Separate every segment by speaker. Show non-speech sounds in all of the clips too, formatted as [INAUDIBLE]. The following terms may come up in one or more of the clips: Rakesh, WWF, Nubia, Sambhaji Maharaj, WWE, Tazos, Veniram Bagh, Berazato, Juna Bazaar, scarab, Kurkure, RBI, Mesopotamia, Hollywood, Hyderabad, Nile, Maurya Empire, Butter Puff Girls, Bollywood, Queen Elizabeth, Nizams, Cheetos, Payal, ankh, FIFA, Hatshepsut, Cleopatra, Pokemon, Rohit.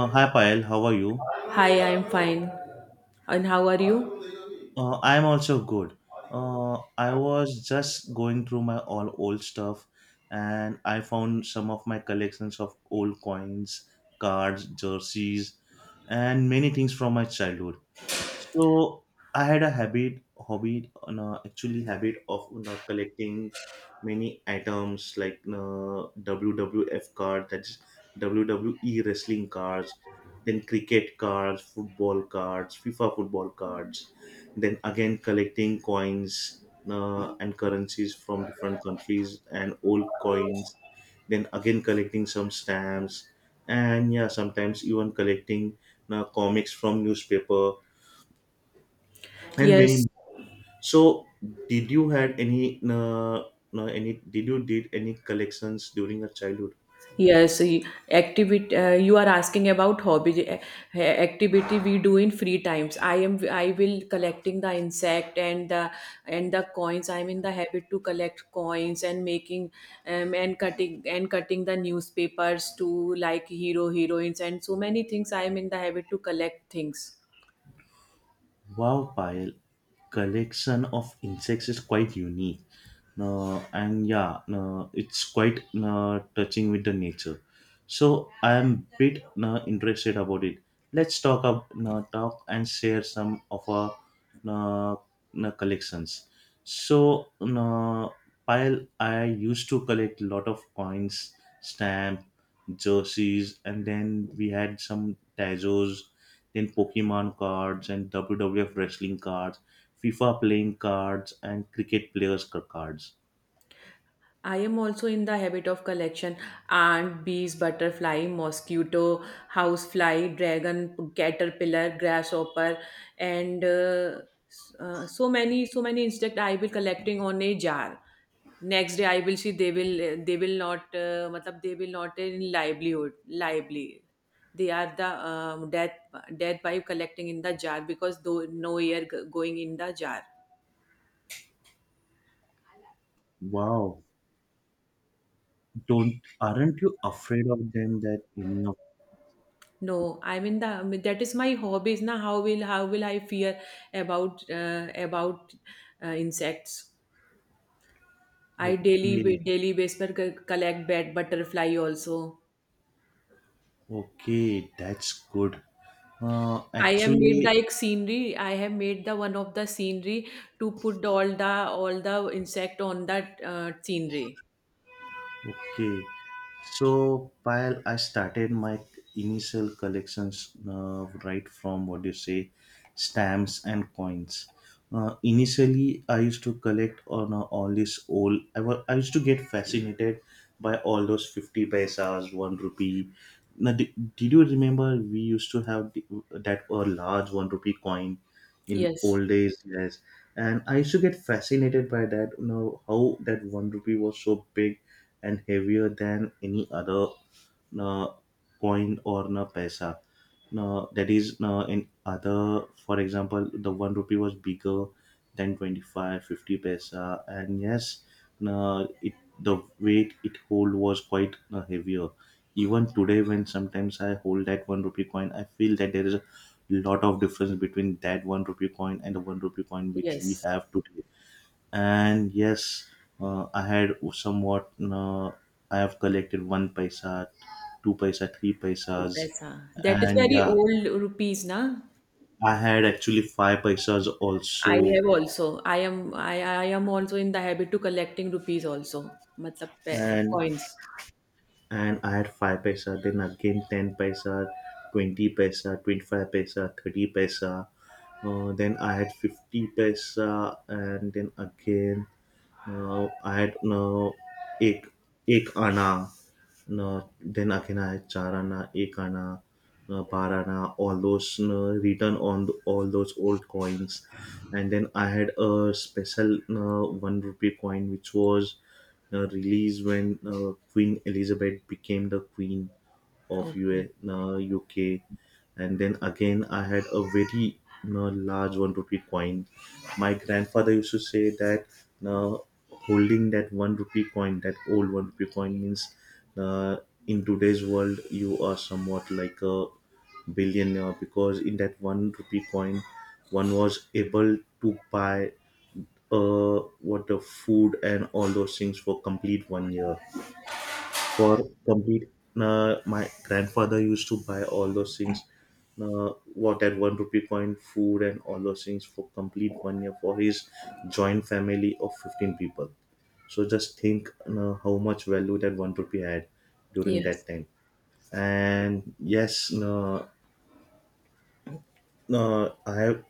Speaker 1: Hi Payal, how are you?
Speaker 2: Hi, I'm fine. And how are you?
Speaker 1: I'm also good. I was just going through my all old stuff and I found some of my collections of old coins, cards, jerseys, and many things from my childhood. So I had a habit, hobby, on actually habit of collecting many items like WWF card, that's WWE wrestling cards, then cricket cards, football cards, FIFA football cards, then again collecting coins, and currencies from different countries and old coins, then again collecting some stamps, and yeah, sometimes even collecting comics from newspaper and
Speaker 2: Yes,
Speaker 1: many. So did you had any, no, any, did you did any collections during your childhood?
Speaker 2: yes. Activity. You are asking about hobby eh, activity we do in free times. I am. I will collecting the insect and the coins. I'm in the habit to collect coins and making and cutting the newspapers to like hero heroines and so many things. I am in the habit to collect things.
Speaker 1: Wow, pile, collection of insects is quite unique. No, and yeah, no, it's quite, no, touching with the nature. So I am bit, no, interested about it. Let's talk up, no, talk and share some of our, no, no, collections. So no, pile, I used to collect a lot of coins, stamp, jerseys, and then we had some Tazos, then Pokemon cards and WWF wrestling cards, FIFA playing cards, and cricket players cards.
Speaker 2: I am also in the habit of collection ant, bees, butterfly, mosquito, housefly, dragon, caterpillar, grasshopper, and so many insect I will collecting on a jar. Next day I will see they will not matlab they will not in livelihood lively. They are the death by collecting in the jar because though no air going in the jar.
Speaker 1: Wow. Don't Aren't you afraid of them that any of.
Speaker 2: No, I mean that is my hobby. Is now how will I fear about insects? I daily
Speaker 1: Okay,
Speaker 2: daily basis पर collect bat butterfly also.
Speaker 1: okay, that's good.
Speaker 2: I have made the
Speaker 1: Actually,
Speaker 2: like scenery. I have made the one of the scenery to put all the insect on that scenery.
Speaker 1: okay, so while I started my initial collections, right from what you say, stamps and coins. Initially, I used to collect on, all this old. I I used to get fascinated by all those 50 paisas, one rupee. Now, did you remember we used to have that a large one rupee coin in
Speaker 2: Yes,
Speaker 1: old days? Yes, and I used to get fascinated by that. You know how that one rupee was so big and heavier than any other uh, coin or na paisa. No, that is no in other, for example, the one rupee was bigger than 25, fifty 50 paisa, and yes, no, it the weight it hold was quite, heavier. Even today, when sometimes I hold that one rupee coin, I feel that there is a lot of difference between that one rupee coin and the one rupee coin which we
Speaker 2: yes,
Speaker 1: have today, and yes, I had somewhat I have collected 1 paisa, 2 paisa, three
Speaker 2: two
Speaker 1: paisas
Speaker 2: paisa. That is
Speaker 1: And
Speaker 2: very
Speaker 1: yeah,
Speaker 2: old rupees, na?
Speaker 1: I had actually 5 paisas
Speaker 2: I
Speaker 1: also.
Speaker 2: have also. I am also in the habit to collecting rupees also. Matlab
Speaker 1: and
Speaker 2: coins.
Speaker 1: and I had 5 paisa, then again 10 paisa, 20 paisa, 25 paisa, 30 paisa, then I had 50 paisa, and then again. No, I had no ek ek ana. No, then again I had char ana, ek ana, no, bar ana, all those, no, written on all those old coins. And then I had a special, no, one rupee coin which was released when Queen Elizabeth became the queen of
Speaker 2: Okay.
Speaker 1: US, UK, and then again I had a very large one rupee coin. My grandfather used to say that, uh, holding that one rupee coin, that old one rupee coin, means, uh, in today's world you are somewhat like a billionaire, because in that one rupee coin one was able to buy, what, the food and all those things for complete 1 year, for complete, my grandfather used to buy all those things, what at one rupee coin food and all those things for complete 1 year for his joint family of 15 people. So just think, you, how much value that one rupee had during
Speaker 2: Yes.
Speaker 1: that time. And yes, no, I have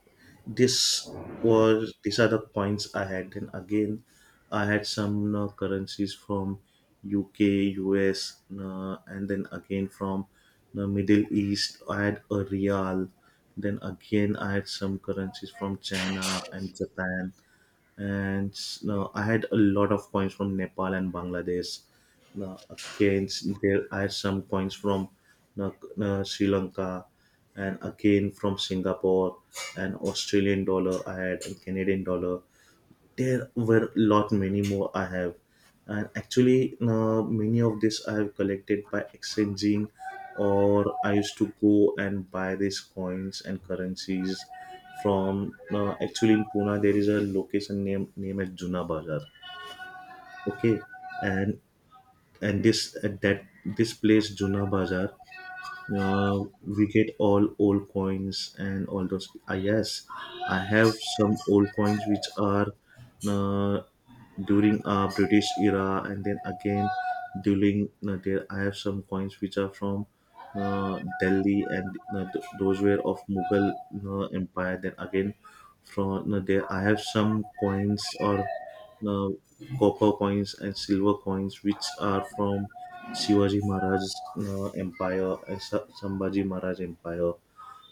Speaker 1: this was these are the coins I had. Then again, I had some currencies from UK, US, and then again from the Middle East. I had a real. Then again, I had some currencies from China and Japan, and no, I had a lot of coins from Nepal and Bangladesh. No, again, there I had some coins from, no, no, Sri Lanka, and again from Singapore, and Australian dollar I had, and Canadian dollar. There were a lot many more I have, and actually many of this I have collected by exchanging, or I used to go and buy these coins and currencies from, actually in pune there is a location named as juna bazar. Okay, and and this at that this place juna bazar, we get all old coins and all those, yes, I have some old coins which are, uh, during british era, and then again during, there I have some coins which are from, delhi, and those were of mughal empire. Then again from, there I have some coins or, uh, copper coins and silver coins, which are from Shivaji Maharaj's empire and Sambhaji Maharaj empire.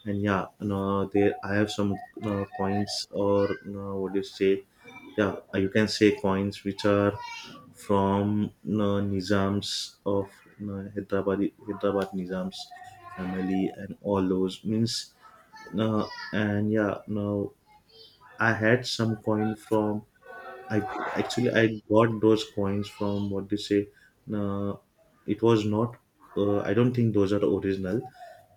Speaker 1: And yeah, no, there I have some coins or, what do you say? Yeah, you can say coins which are from, Nizams of, Hyderabad, Hyderabad Nizams family, and all those means. And yeah, now I had some coin from, I, actually I got those coins from what they say. Uh, it was not. I don't think those are original,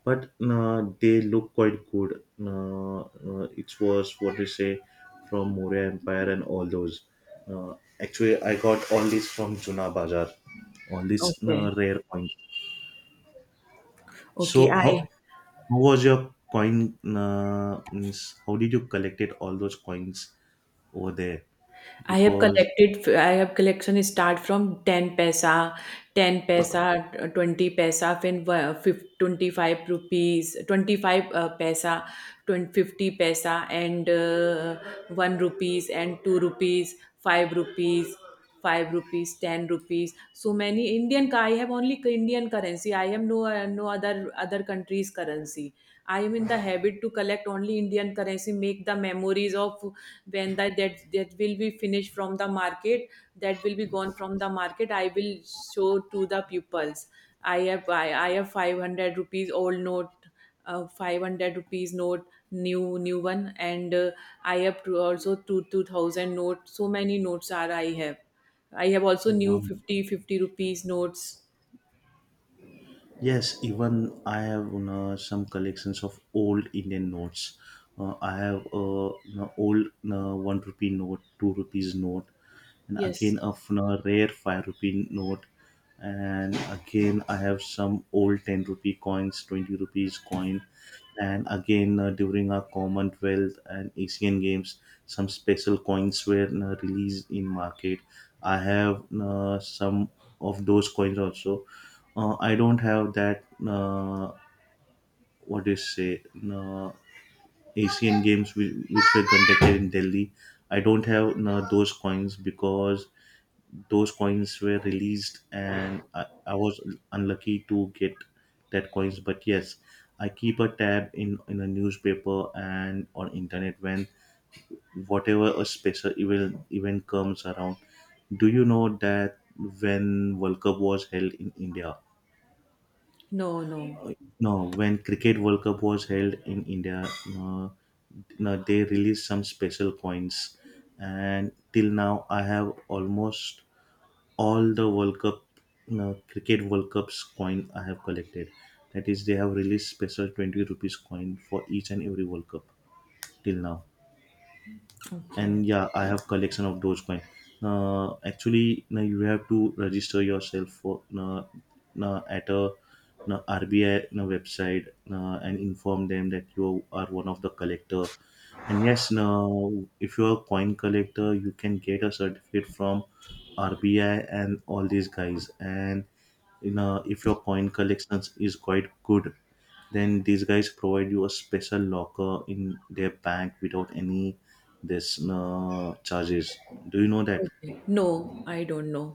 Speaker 1: but they look quite good. It was what they say from Maurya Empire and all those. Uh, Actually, I got all this from Juna Bazaar. All these
Speaker 2: Okay.
Speaker 1: rare coins.
Speaker 2: Okay.
Speaker 1: So
Speaker 2: I
Speaker 1: how was your coin? Means, how did you collect it? All those coins over there,
Speaker 2: I have
Speaker 1: because
Speaker 2: I have collection start from 10 paisa, 10 paisa, 20 paisa, then 25 rupees, 25 paisa, 20, 50 paisa, and 1 rupees, and 2 rupees, 5 rupees, 5 rupees, 10 rupees. So many Indian, I have only Indian currency. I have no other country's currency. I am in the habit to collect only Indian currency, make the memories of when that will be finished from the market that will be gone from the market I will show to the pupils. I have 500 rupees old note, 500 rupees note, new one, and I have to also two 2000 note. So many notes are I have. I have also new
Speaker 1: wow.
Speaker 2: fifty rupees notes.
Speaker 1: Yes, even I have, some collections of old Indian notes. I have a old, one rupee note, two rupees note, and again
Speaker 2: Yes.
Speaker 1: a rare 5 rupee note, and again I have some old 10 rupee coins, 20 rupees coin, and again, during our commonwealth and asian games some special coins were released in market. I have, some of those coins also. I don't have that, what do you say, uh, asian games which were conducted in delhi. I don't have, those coins, because those coins were released, and I was unlucky to get that coins, but yes, I keep a tab in a newspaper and on internet when whatever a special event comes around. Do you know that when world cup was held in india,
Speaker 2: No, no.
Speaker 1: no, when cricket world cup was held in india, uh, no, they released some special coins, and till now I have almost all the World Cup, no, cricket World Cups coin I have collected. That is, they have released special 20 rupees coin for each and every World Cup till now. And
Speaker 2: Okay.
Speaker 1: yeah, I have collection of dogecoin. Actually, now you have to register yourself for, at a, rbi website, and inform them that you are one of the collector. And yes, now if you are a coin collector you can get a certificate from rbi and all these guys. And in, if your coin collection is quite good, then these guys provide you a special locker in their bank without any this charges. Do you know that?
Speaker 2: Okay, no, I don't know.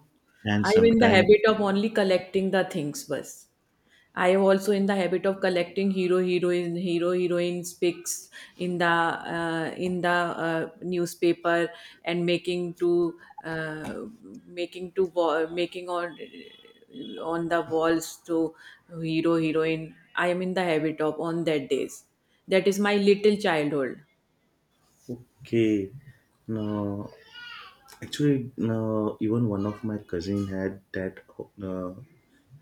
Speaker 1: And
Speaker 2: I'm in the
Speaker 1: sometimes
Speaker 2: habit of only collecting the things bus. I am also in the habit of collecting hero heroines pics in the newspaper and uh, making on the walls to hero heroine. I am in the habit of on that days. That is my little childhood.
Speaker 1: okay, no, actually, no, even one of my cousin had that uh,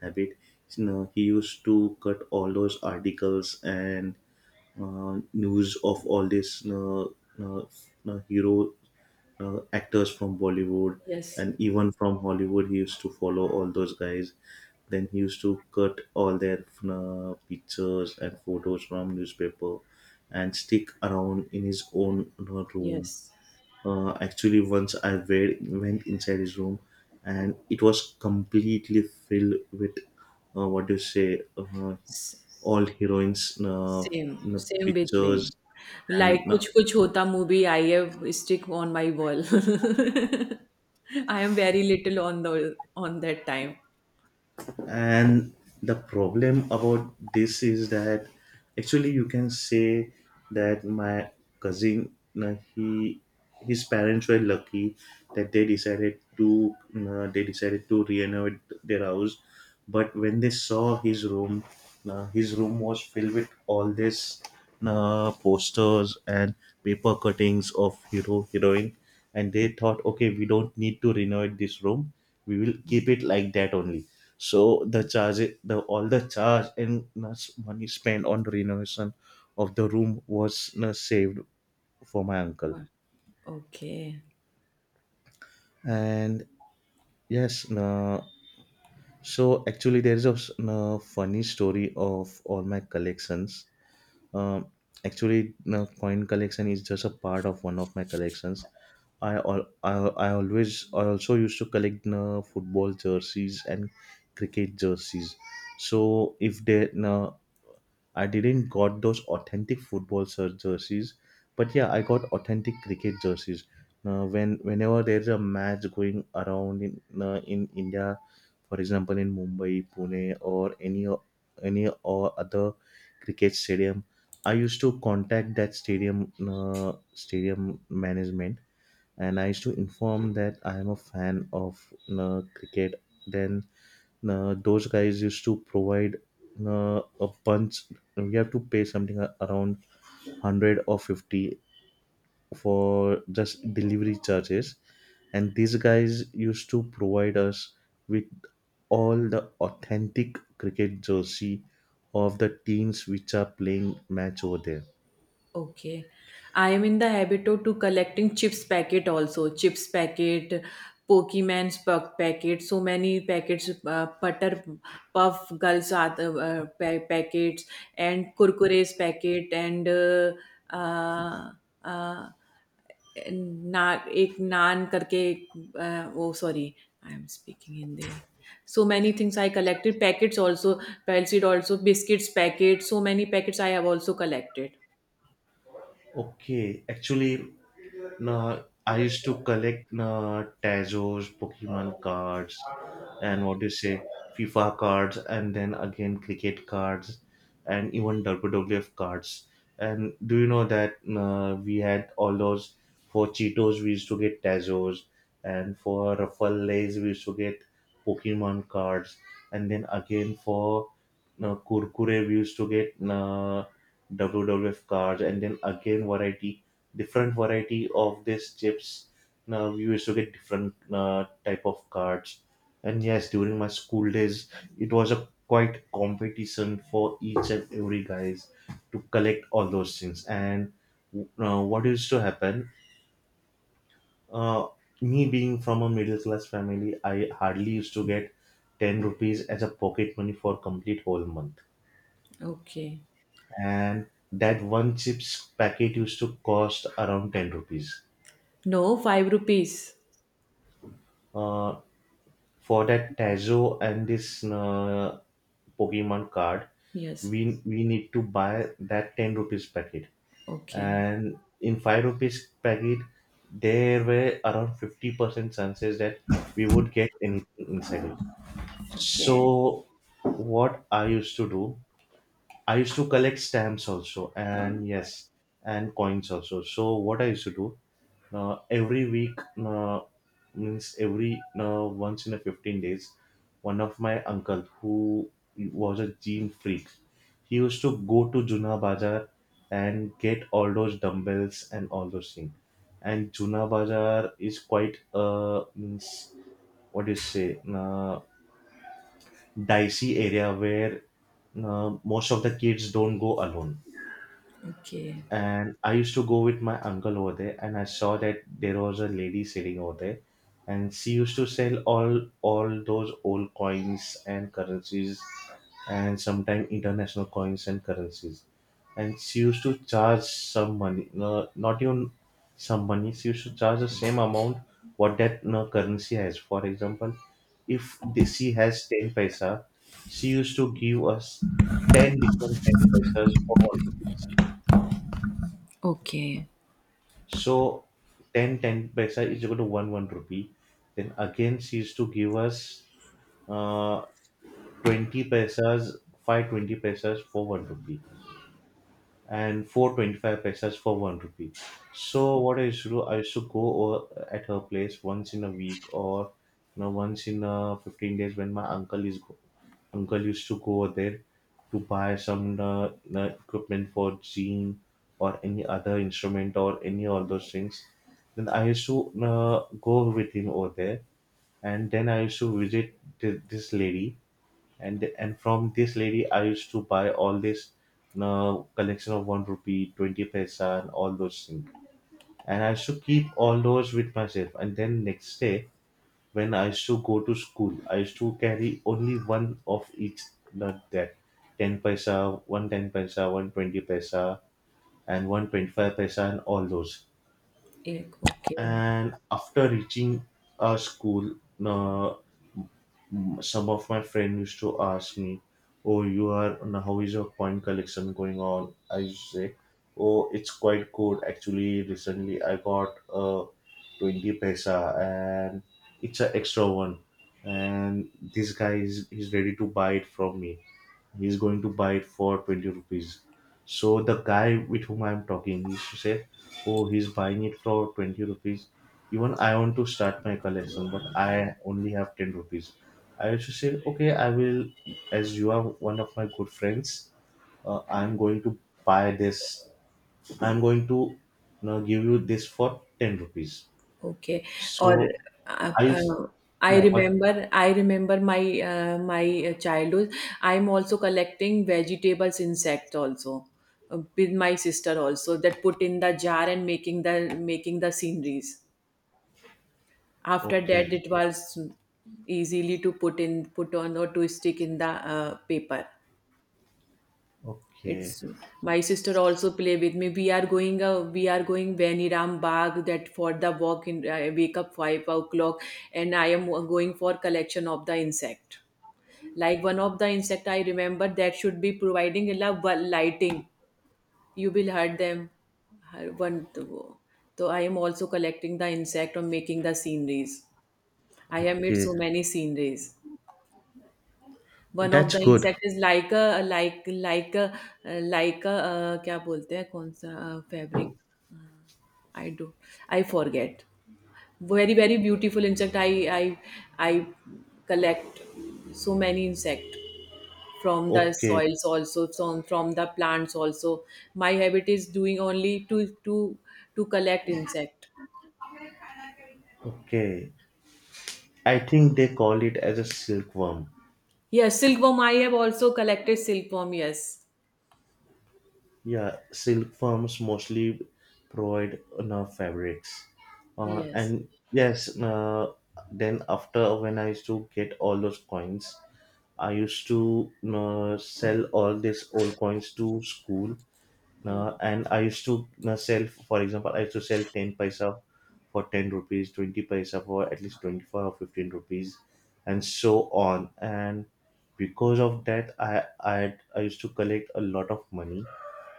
Speaker 1: habit, he used to cut all those articles and news of all these uh, hero, actors from Bollywood,
Speaker 2: Yes,
Speaker 1: and even from Hollywood. He used to follow all those guys. Then he used to cut all their pictures and photos from newspaper and stick around in his own room.
Speaker 2: yes.
Speaker 1: Actually, once I went inside his room, and it was completely filled with, what do you say, all heroines,
Speaker 2: same, same with me.
Speaker 1: pictures,
Speaker 2: like
Speaker 1: and uh,
Speaker 2: Kuch Kuch Hota movie I है stick on my wall. I am very little on the on that time.
Speaker 1: and the problem about this is that, actually you can say that my cousin, he his parents were lucky that they decided to, renovate their house, but when they saw his room, was filled with all this, posters and paper cuttings of hero heroine, and they thought okay we don't need to renovate this room, we will keep it like that only. So the charge, the all the charge and, money spent on renovation of the room was, saved for my uncle.
Speaker 2: वाह! Okay. [LAUGHS]
Speaker 1: And yes, so actually there is a, funny story of all my collections. Um, Actually, coin collection is just a part of one of my collections. I al- I always I also used to collect football jerseys and cricket jerseys. So if they, I didn't got those authentic football jerseys, but yeah, I got authentic cricket jerseys. Now, whenever there's a match going around in, in India, for example in Mumbai, Pune, or any any or other cricket stadium, I used to contact that stadium, stadium management, and I used to inform that I am a fan of, cricket. Then, those guys used to provide, a bunch. We have to pay something around 100 or 50 for just delivery charges, and these guys used to provide us with all the authentic cricket jersey of the teams which are playing match over there.
Speaker 2: Okay. I am in the habit of to collecting chips packet also. Chips packet, Pokemon's puck packet, so many packets, butter puff girls are the, packets, and Kurkure's packet, and uh, uh, ना एक नान करके एक, अ, वो sorry, I am speaking Hindi, so many things I collected packets also, पेलसीड also biscuits packet, so many packets I have also collected.
Speaker 1: Okay, actually, no, I used to collect Tazos, Pokemon cards, and what do you say, FIFA cards, and then again cricket cards, and even WWF cards. And do you know that we had all those for Cheetos? We used to get Tazos, and for Ruffle Lays we used to get Pokemon cards, and then again for Kurkure we used to get WWF cards, and then again variety different variety of these chips. Now we used to get different type of cards, and yes, during my school days, it was a quite competition for each and every guys to collect all those things. And what used to happen? Uh, Me being from a middle class family, I hardly used to get 10 rupees as a pocket money for complete whole month,
Speaker 2: Okay.
Speaker 1: and that one chips packet used to cost around 10 rupees
Speaker 2: No, 5 rupees.
Speaker 1: uh, for that Tazo and this Pokemon card,
Speaker 2: Yes.
Speaker 1: we need to buy that 10 rupees packet,
Speaker 2: Okay.
Speaker 1: and in 5 rupees packet, there were around 50% chances that we would get anything inside it.
Speaker 2: Okay.
Speaker 1: So what I used to do. I used to collect stamps also, and yes, and coins also. So what I used to do every week, uh, means every once in a 15 days, one of my uncle who was a gym freak, he used to go to Juna Bazaar and get all those dumbbells and all those things. And Juna Bazaar is quite, means, what do you say, dicey area where most of the kids don't go alone,
Speaker 2: Okay.
Speaker 1: and I used to go with my uncle over there, and I saw that there was a lady sitting over there, and she used to sell all those old coins and currencies, and sometimes international coins and currencies, and she used to charge some money, no, not even some money. She used to charge the same amount what that, no, currency has. For example, if she has 10 paisa, she used to give us 10 different 10 paisas for 1 rupee.
Speaker 2: Okay.
Speaker 1: So 10 10 paisa is equal to 1 rupee. Then again, she used to give us uh, 20 paisas, 5 20 paisas for 1 rupee and 425 paisas for 1 rupee. So what I used to do, I used to go over at her place once in a week or once in 15 days when my uncle used to go over there to buy some equipment for gene or any other instrument or any all those things. Then I used to go with him over there, and then I used to visit this lady, and from this lady I used to buy all this collection of 1 rupee, 20 paisa, and all those things. And I used to keep all those with myself. And then next day, when I used to go to school, I used to carry only one of each note there: 10 paisa, 1 10 paisa, 1 20 paisa, and 1 25 paisa, and all those.
Speaker 2: Ek, okay.
Speaker 1: And after reaching our school, uh, some of my friends used to ask me, "Oh, you are now how is your coin collection going on?" I used to say, "Oh, it's quite good actually. Recently, I got a 20 paisa, and it's an extra one, and this guy is he's ready to buy it from me. He's going to buy it for 20 rupees." So the guy with whom I'm talking, he used to say, "Oh, he's buying it for 20 rupees. Even I want to start my collection, but I only have 10 rupees." I used to say, "Okay, I will. As you are one of my good friends, I'm going to buy this. I'm going to, give you this for 10 rupees."
Speaker 2: Okay. Or
Speaker 1: So
Speaker 2: uh,
Speaker 1: I used.
Speaker 2: uh, I
Speaker 1: Yeah, but.
Speaker 2: remember I remember my childhood. I'm also collecting vegetables, insect also, with my sister also, that put in the jar and making the sceneries. After
Speaker 1: Okay,
Speaker 2: that, it was easily to put on or to stick in the paper.
Speaker 1: okay.
Speaker 2: It's my sister also play with me. We are going Veniram Bagh, that for the walk in. I wake up 5 o'clock and I am going for collection of the insect. Like one of the insect I remember that should be providing a lot of lighting. You will hurt them. One, so I am also collecting the insect or making the sceneries. I have made
Speaker 1: Okay,
Speaker 2: so many sceneries. One of
Speaker 1: that's
Speaker 2: the
Speaker 1: good.
Speaker 2: Insect is like a like a, क्या बोलते हैं कौन सा fabric, I do, I forget, very very beautiful insect, I I I collect so many insect from the
Speaker 1: Okay,
Speaker 2: soils also, from the plants also. My habit is doing only to to to collect insect.
Speaker 1: okay. I think they call it as a silkworm.
Speaker 2: Yes, silkworm, I have also collected silkworm. Yes,
Speaker 1: Yeah, silkworms mostly provide enough fabrics.
Speaker 2: yes.
Speaker 1: And yes, then after when I used to get all those coins, I used to sell all these old coins to school, and I used to sell, for example, I used to sell 10 paisa for 10 rupees, 20 paisa for at least 25 or 15 rupees, and so on. And because of that, I used to collect a lot of money.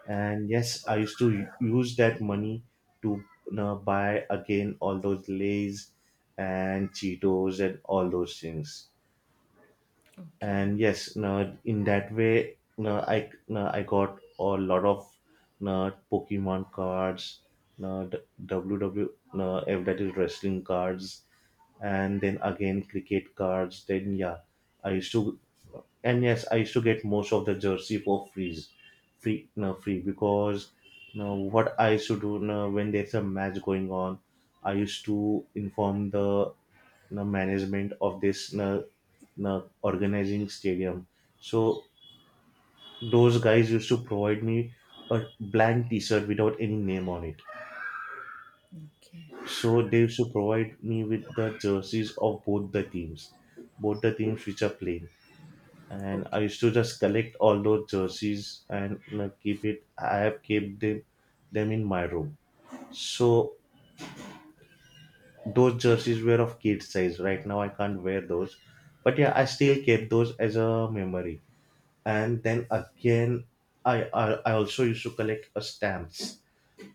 Speaker 1: And yes, I used to use that money to buy again all those Lays and Cheetos and all those things,
Speaker 2: Okay,
Speaker 1: and yes, no, in that way, no, I, no, I got a lot of, no, Pokemon cards, no, d- ww no, if that is wrestling cards, and then again cricket cards, then yeah. I used to, and yes, I used to get most of the jersey for free, no, free because, no, what I used to do, no, when there's a match going on, I used to inform the, you, management of this, you, organizing stadium. So those guys used to provide me a blank T-shirt without any name on it.
Speaker 2: okay,
Speaker 1: So they used to provide me with the jerseys of both the teams which are playing. And I
Speaker 2: okay,
Speaker 1: used to just collect all those jerseys, and keep it. I have kept them in my room. So those jerseys were of kid size. Right now I can't wear those, but yeah, I still kept those as a memory. And then again, I also used to collect stamps.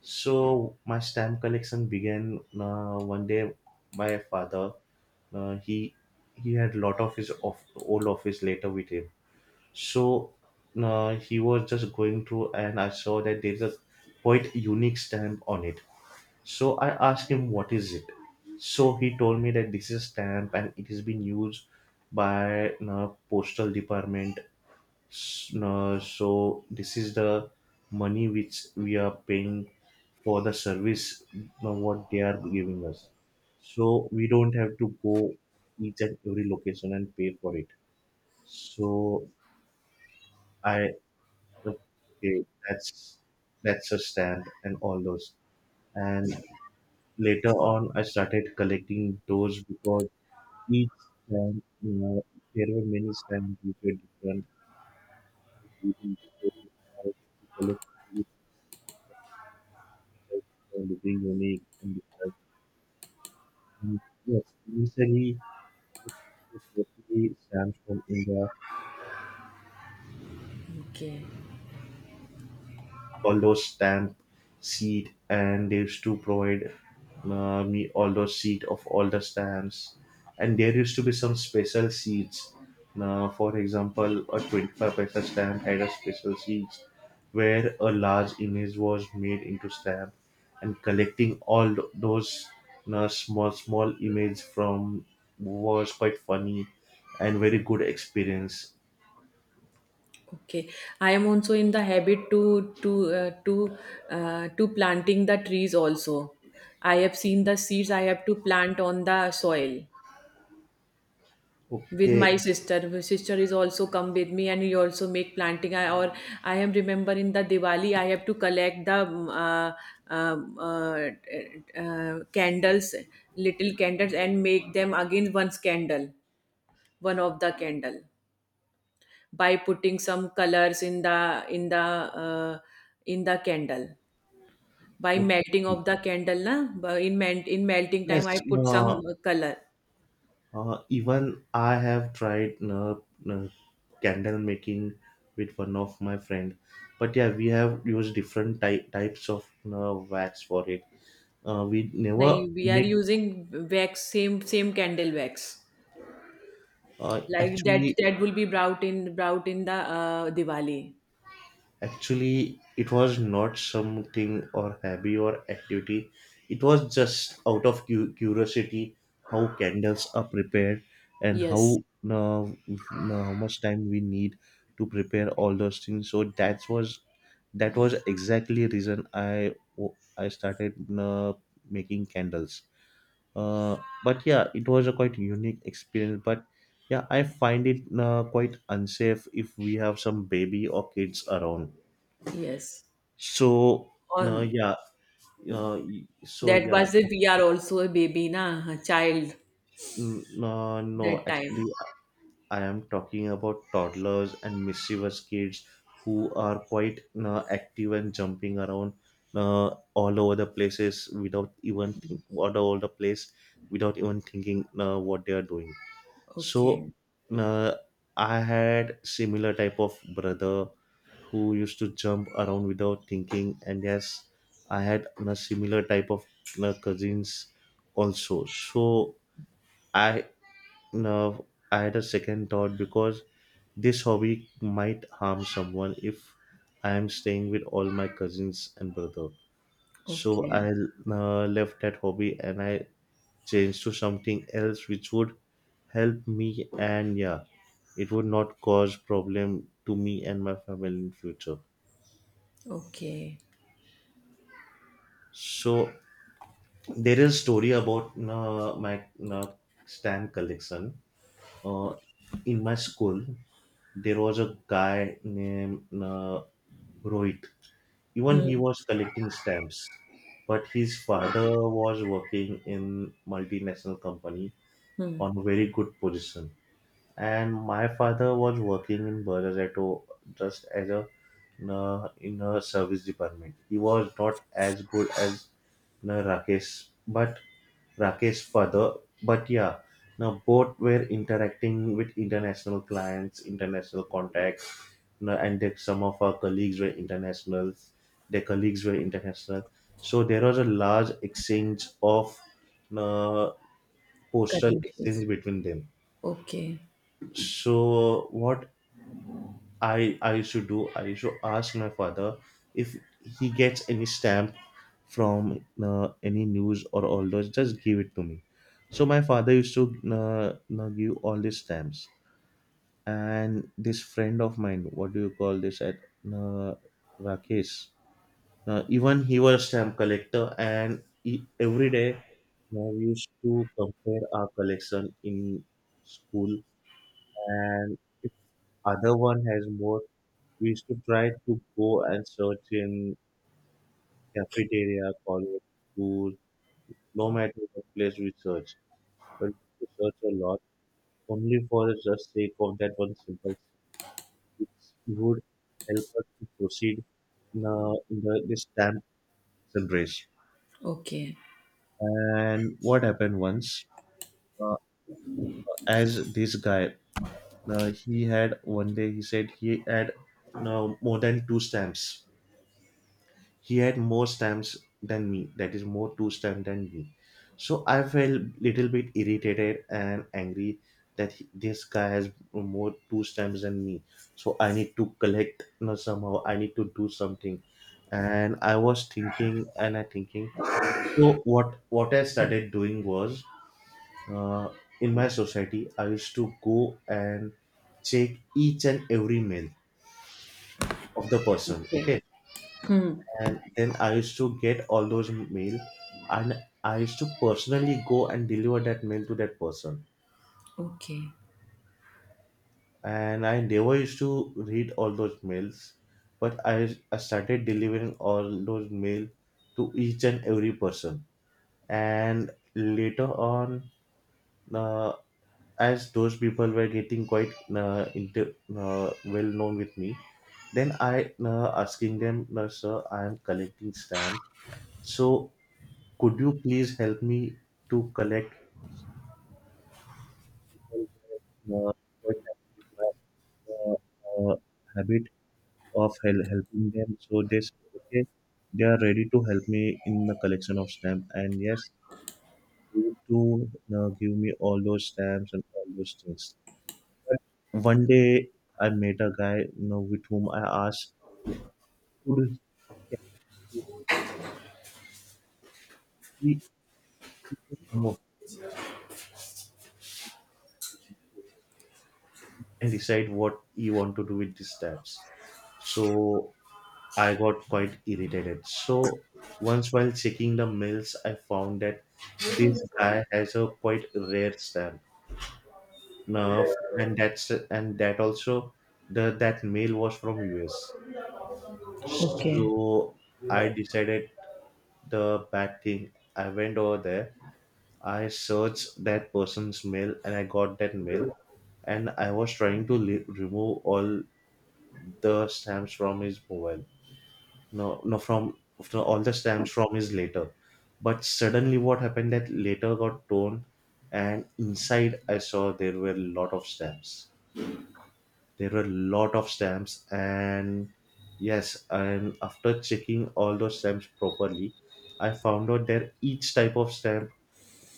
Speaker 1: So my stamp collection began one day my father, uh, he he had lot of his old office later with him. So he was just going through and I saw that there's a quite unique stamp on it, so I asked him what is it, so he told me that this is a stamp and it has been used by postal department. No, so this is the money which we are paying for the service, no, what they are giving us, so we don't have to go each and every location and pay for it. So I, okay, that's a stand and all those, and later on I started collecting those because each stand, there were many stands which were different. So I had to collect, like, looking unique and different. And yes, initially, I thought it mostly stands from India,
Speaker 2: okay.
Speaker 1: all those stamp seed, and they used to provide me all those seed of all the stamps, and there used to be some special seeds, for example a 25 paisa stamp had a special seeds, where a large image was made into stamp, and collecting all those small small image from was quite funny and very good experience.
Speaker 2: Okay, I am also in the habit to to planting the trees also. I have seen the seeds. I have to plant on the soil with
Speaker 1: Okay,
Speaker 2: my sister. My sister is also come with me, and we also make planting. I am remember in the Diwali I have to collect the um, uh, candles, little candles, and make them again one candle, one of the candle by putting some colors in the candle by
Speaker 1: okay.
Speaker 2: melting of the candle na, in melting time I
Speaker 1: Yes.
Speaker 2: put some
Speaker 1: uh,
Speaker 2: color.
Speaker 1: Even I have tried uh, candle making with one of my friend, but yeah, we have used different types of wax for it. We
Speaker 2: Nahi,
Speaker 1: never
Speaker 2: we are
Speaker 1: make,
Speaker 2: using wax, same candle wax,
Speaker 1: uh,
Speaker 2: like that,
Speaker 1: actually
Speaker 2: that will be brought in the diwali.
Speaker 1: actually. It was not something or hobby or activity. It was just out of curiosity how candles are prepared, and
Speaker 2: Yes,
Speaker 1: how, uh, uh, how much time we need to prepare all those things. So that was exactly reason I started making candles. Uh, but yeah, it was a quite unique experience. But yeah, I find it quite unsafe if we have some baby or kids around,
Speaker 2: yes,
Speaker 1: so no,
Speaker 2: on
Speaker 1: yeah, so
Speaker 2: that
Speaker 1: yeah,
Speaker 2: was it we are also a baby na, a child
Speaker 1: no, no.
Speaker 2: that time.
Speaker 1: Actually, I am talking about toddlers and mischievous kids who are quite active and jumping around, all over the place without even thinking what they are doing. So
Speaker 2: Okay.
Speaker 1: uh, I had similar type of brother who used to jump around without thinking, and yes, I had a similar type of cousins also. So I uh, I had a second thought because this hobby might harm someone if I am staying with all my cousins and brother. So I
Speaker 2: Okay.
Speaker 1: left that hobby and I changed to something else which would help me, and yeah, it would not cause problem to me and my family in future.
Speaker 2: Okay.
Speaker 1: So there is story about my uh, stamp collection. Uh, in my school, there was a guy named Rohit. Even he
Speaker 2: Hmm.
Speaker 1: was collecting stamps, but his father was working in multinational company
Speaker 2: Hmm.
Speaker 1: on a very good position. And my father was working in Berazato just as a in a service department. He was not as good as, na Rakesh, but Rakesh's father. But yeah, now both were interacting with international clients, international contacts, na, and that some of our colleagues were internationals. Their colleagues were international, so there was a large exchange of na, postal
Speaker 2: Currencies.
Speaker 1: exchange between them.
Speaker 2: Okay,
Speaker 1: So what I should do, I should ask my father if he gets any stamp from any news or all those, just give it to me. So my father used to give all these stamps. And this friend of mine, what do you call this at, uh, Rakesh, even he was stamp collector, and he, every day we used to compare our collection in school. And if other one has more, we used to try to go and search in cafeteria, college, school, no matter what place we search. But we search a lot only for the just sake of that one simple thing. It would help us to proceed in this stamp race.
Speaker 2: okay,
Speaker 1: And what happened once, uh, as this guy, he had one day, he said he had more than two stamps. He had more stamps than me, that is, more two stamps than me. So I felt little bit irritated and angry that this guy has more two stamps than me. So I need to collect, you know, somehow. I need to do something. And I was thinking and I thinking. So what I started doing was, uh, in my society I used to go and check each and every mail of the person.
Speaker 2: okay.
Speaker 1: Okay,
Speaker 2: Hmm.
Speaker 1: and then I used to get all those mail, and I used to personally go and deliver that mail to that person.
Speaker 2: Okay,
Speaker 1: And I never used to read all those mails, but I started delivering all those mail to each and every person. And later on, uh, as those people were getting quite well known with me, then I asking them, no, sir, I am collecting stamps. So could you please help me to collect, uh, but have, uh, habit of helping them. So they said, okay, they are ready to help me in the collection of stamp. And yes, they used to give me all those stamps and all those things. But one day I met a guy, you know, with whom I asked, could he more and decide what he want to do with these stamps? So I got quite irritated. So once while checking the mails, I found that this guy has a quite rare stamp. Now, and that also the that mail was from US.
Speaker 2: okay,
Speaker 1: So I decided the bad thing. I went over there. I searched that person's mail and I got that mail. And I was trying to remove all the stamps from his mobile, no no, from all the stamps from his letter. But suddenly what happened, that letter got torn, and inside I saw there were a lot of stamps. There were a lot of stamps. And yes, and after checking all those stamps properly, I found out that each type of stamp,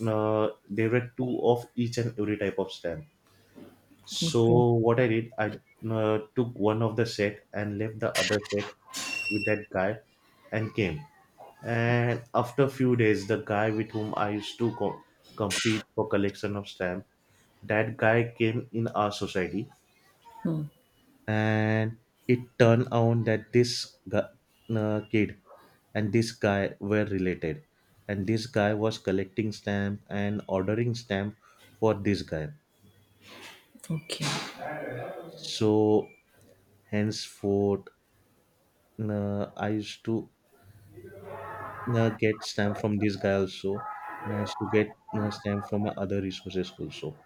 Speaker 1: there were two of each and every type of stamp. So
Speaker 2: okay.
Speaker 1: what I did, I took one of the set and left the other set with that guy and came. And after a few days, the guy with whom I used to compete for collection of stamp, that guy came in our society,
Speaker 2: Hmm.
Speaker 1: and it turned out that this kid and this guy were related, and this guy was collecting stamp and ordering stamp for this guy.
Speaker 2: Okay,
Speaker 1: So henceforth, I used to get stamp from this guy also, and I used to get stamp from my other resources also.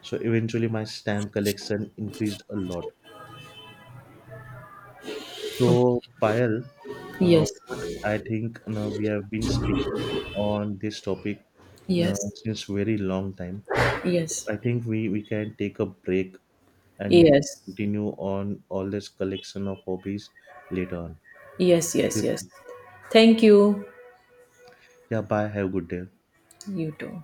Speaker 1: So eventually, my stamp collection increased a lot. So,
Speaker 2: okay.
Speaker 1: Payal,
Speaker 2: Yes,
Speaker 1: what I think, you know, we have been speaking on this topic, you know,
Speaker 2: yes,
Speaker 1: since very long time.
Speaker 2: yes,
Speaker 1: I think we can take a break and we can
Speaker 2: yes,
Speaker 1: continue on all this collection of hobbies later on.
Speaker 2: yes, yes,
Speaker 1: Okay, sir.
Speaker 2: yes. Thank you.
Speaker 1: Yeah, bye. Have a good day.
Speaker 2: You too.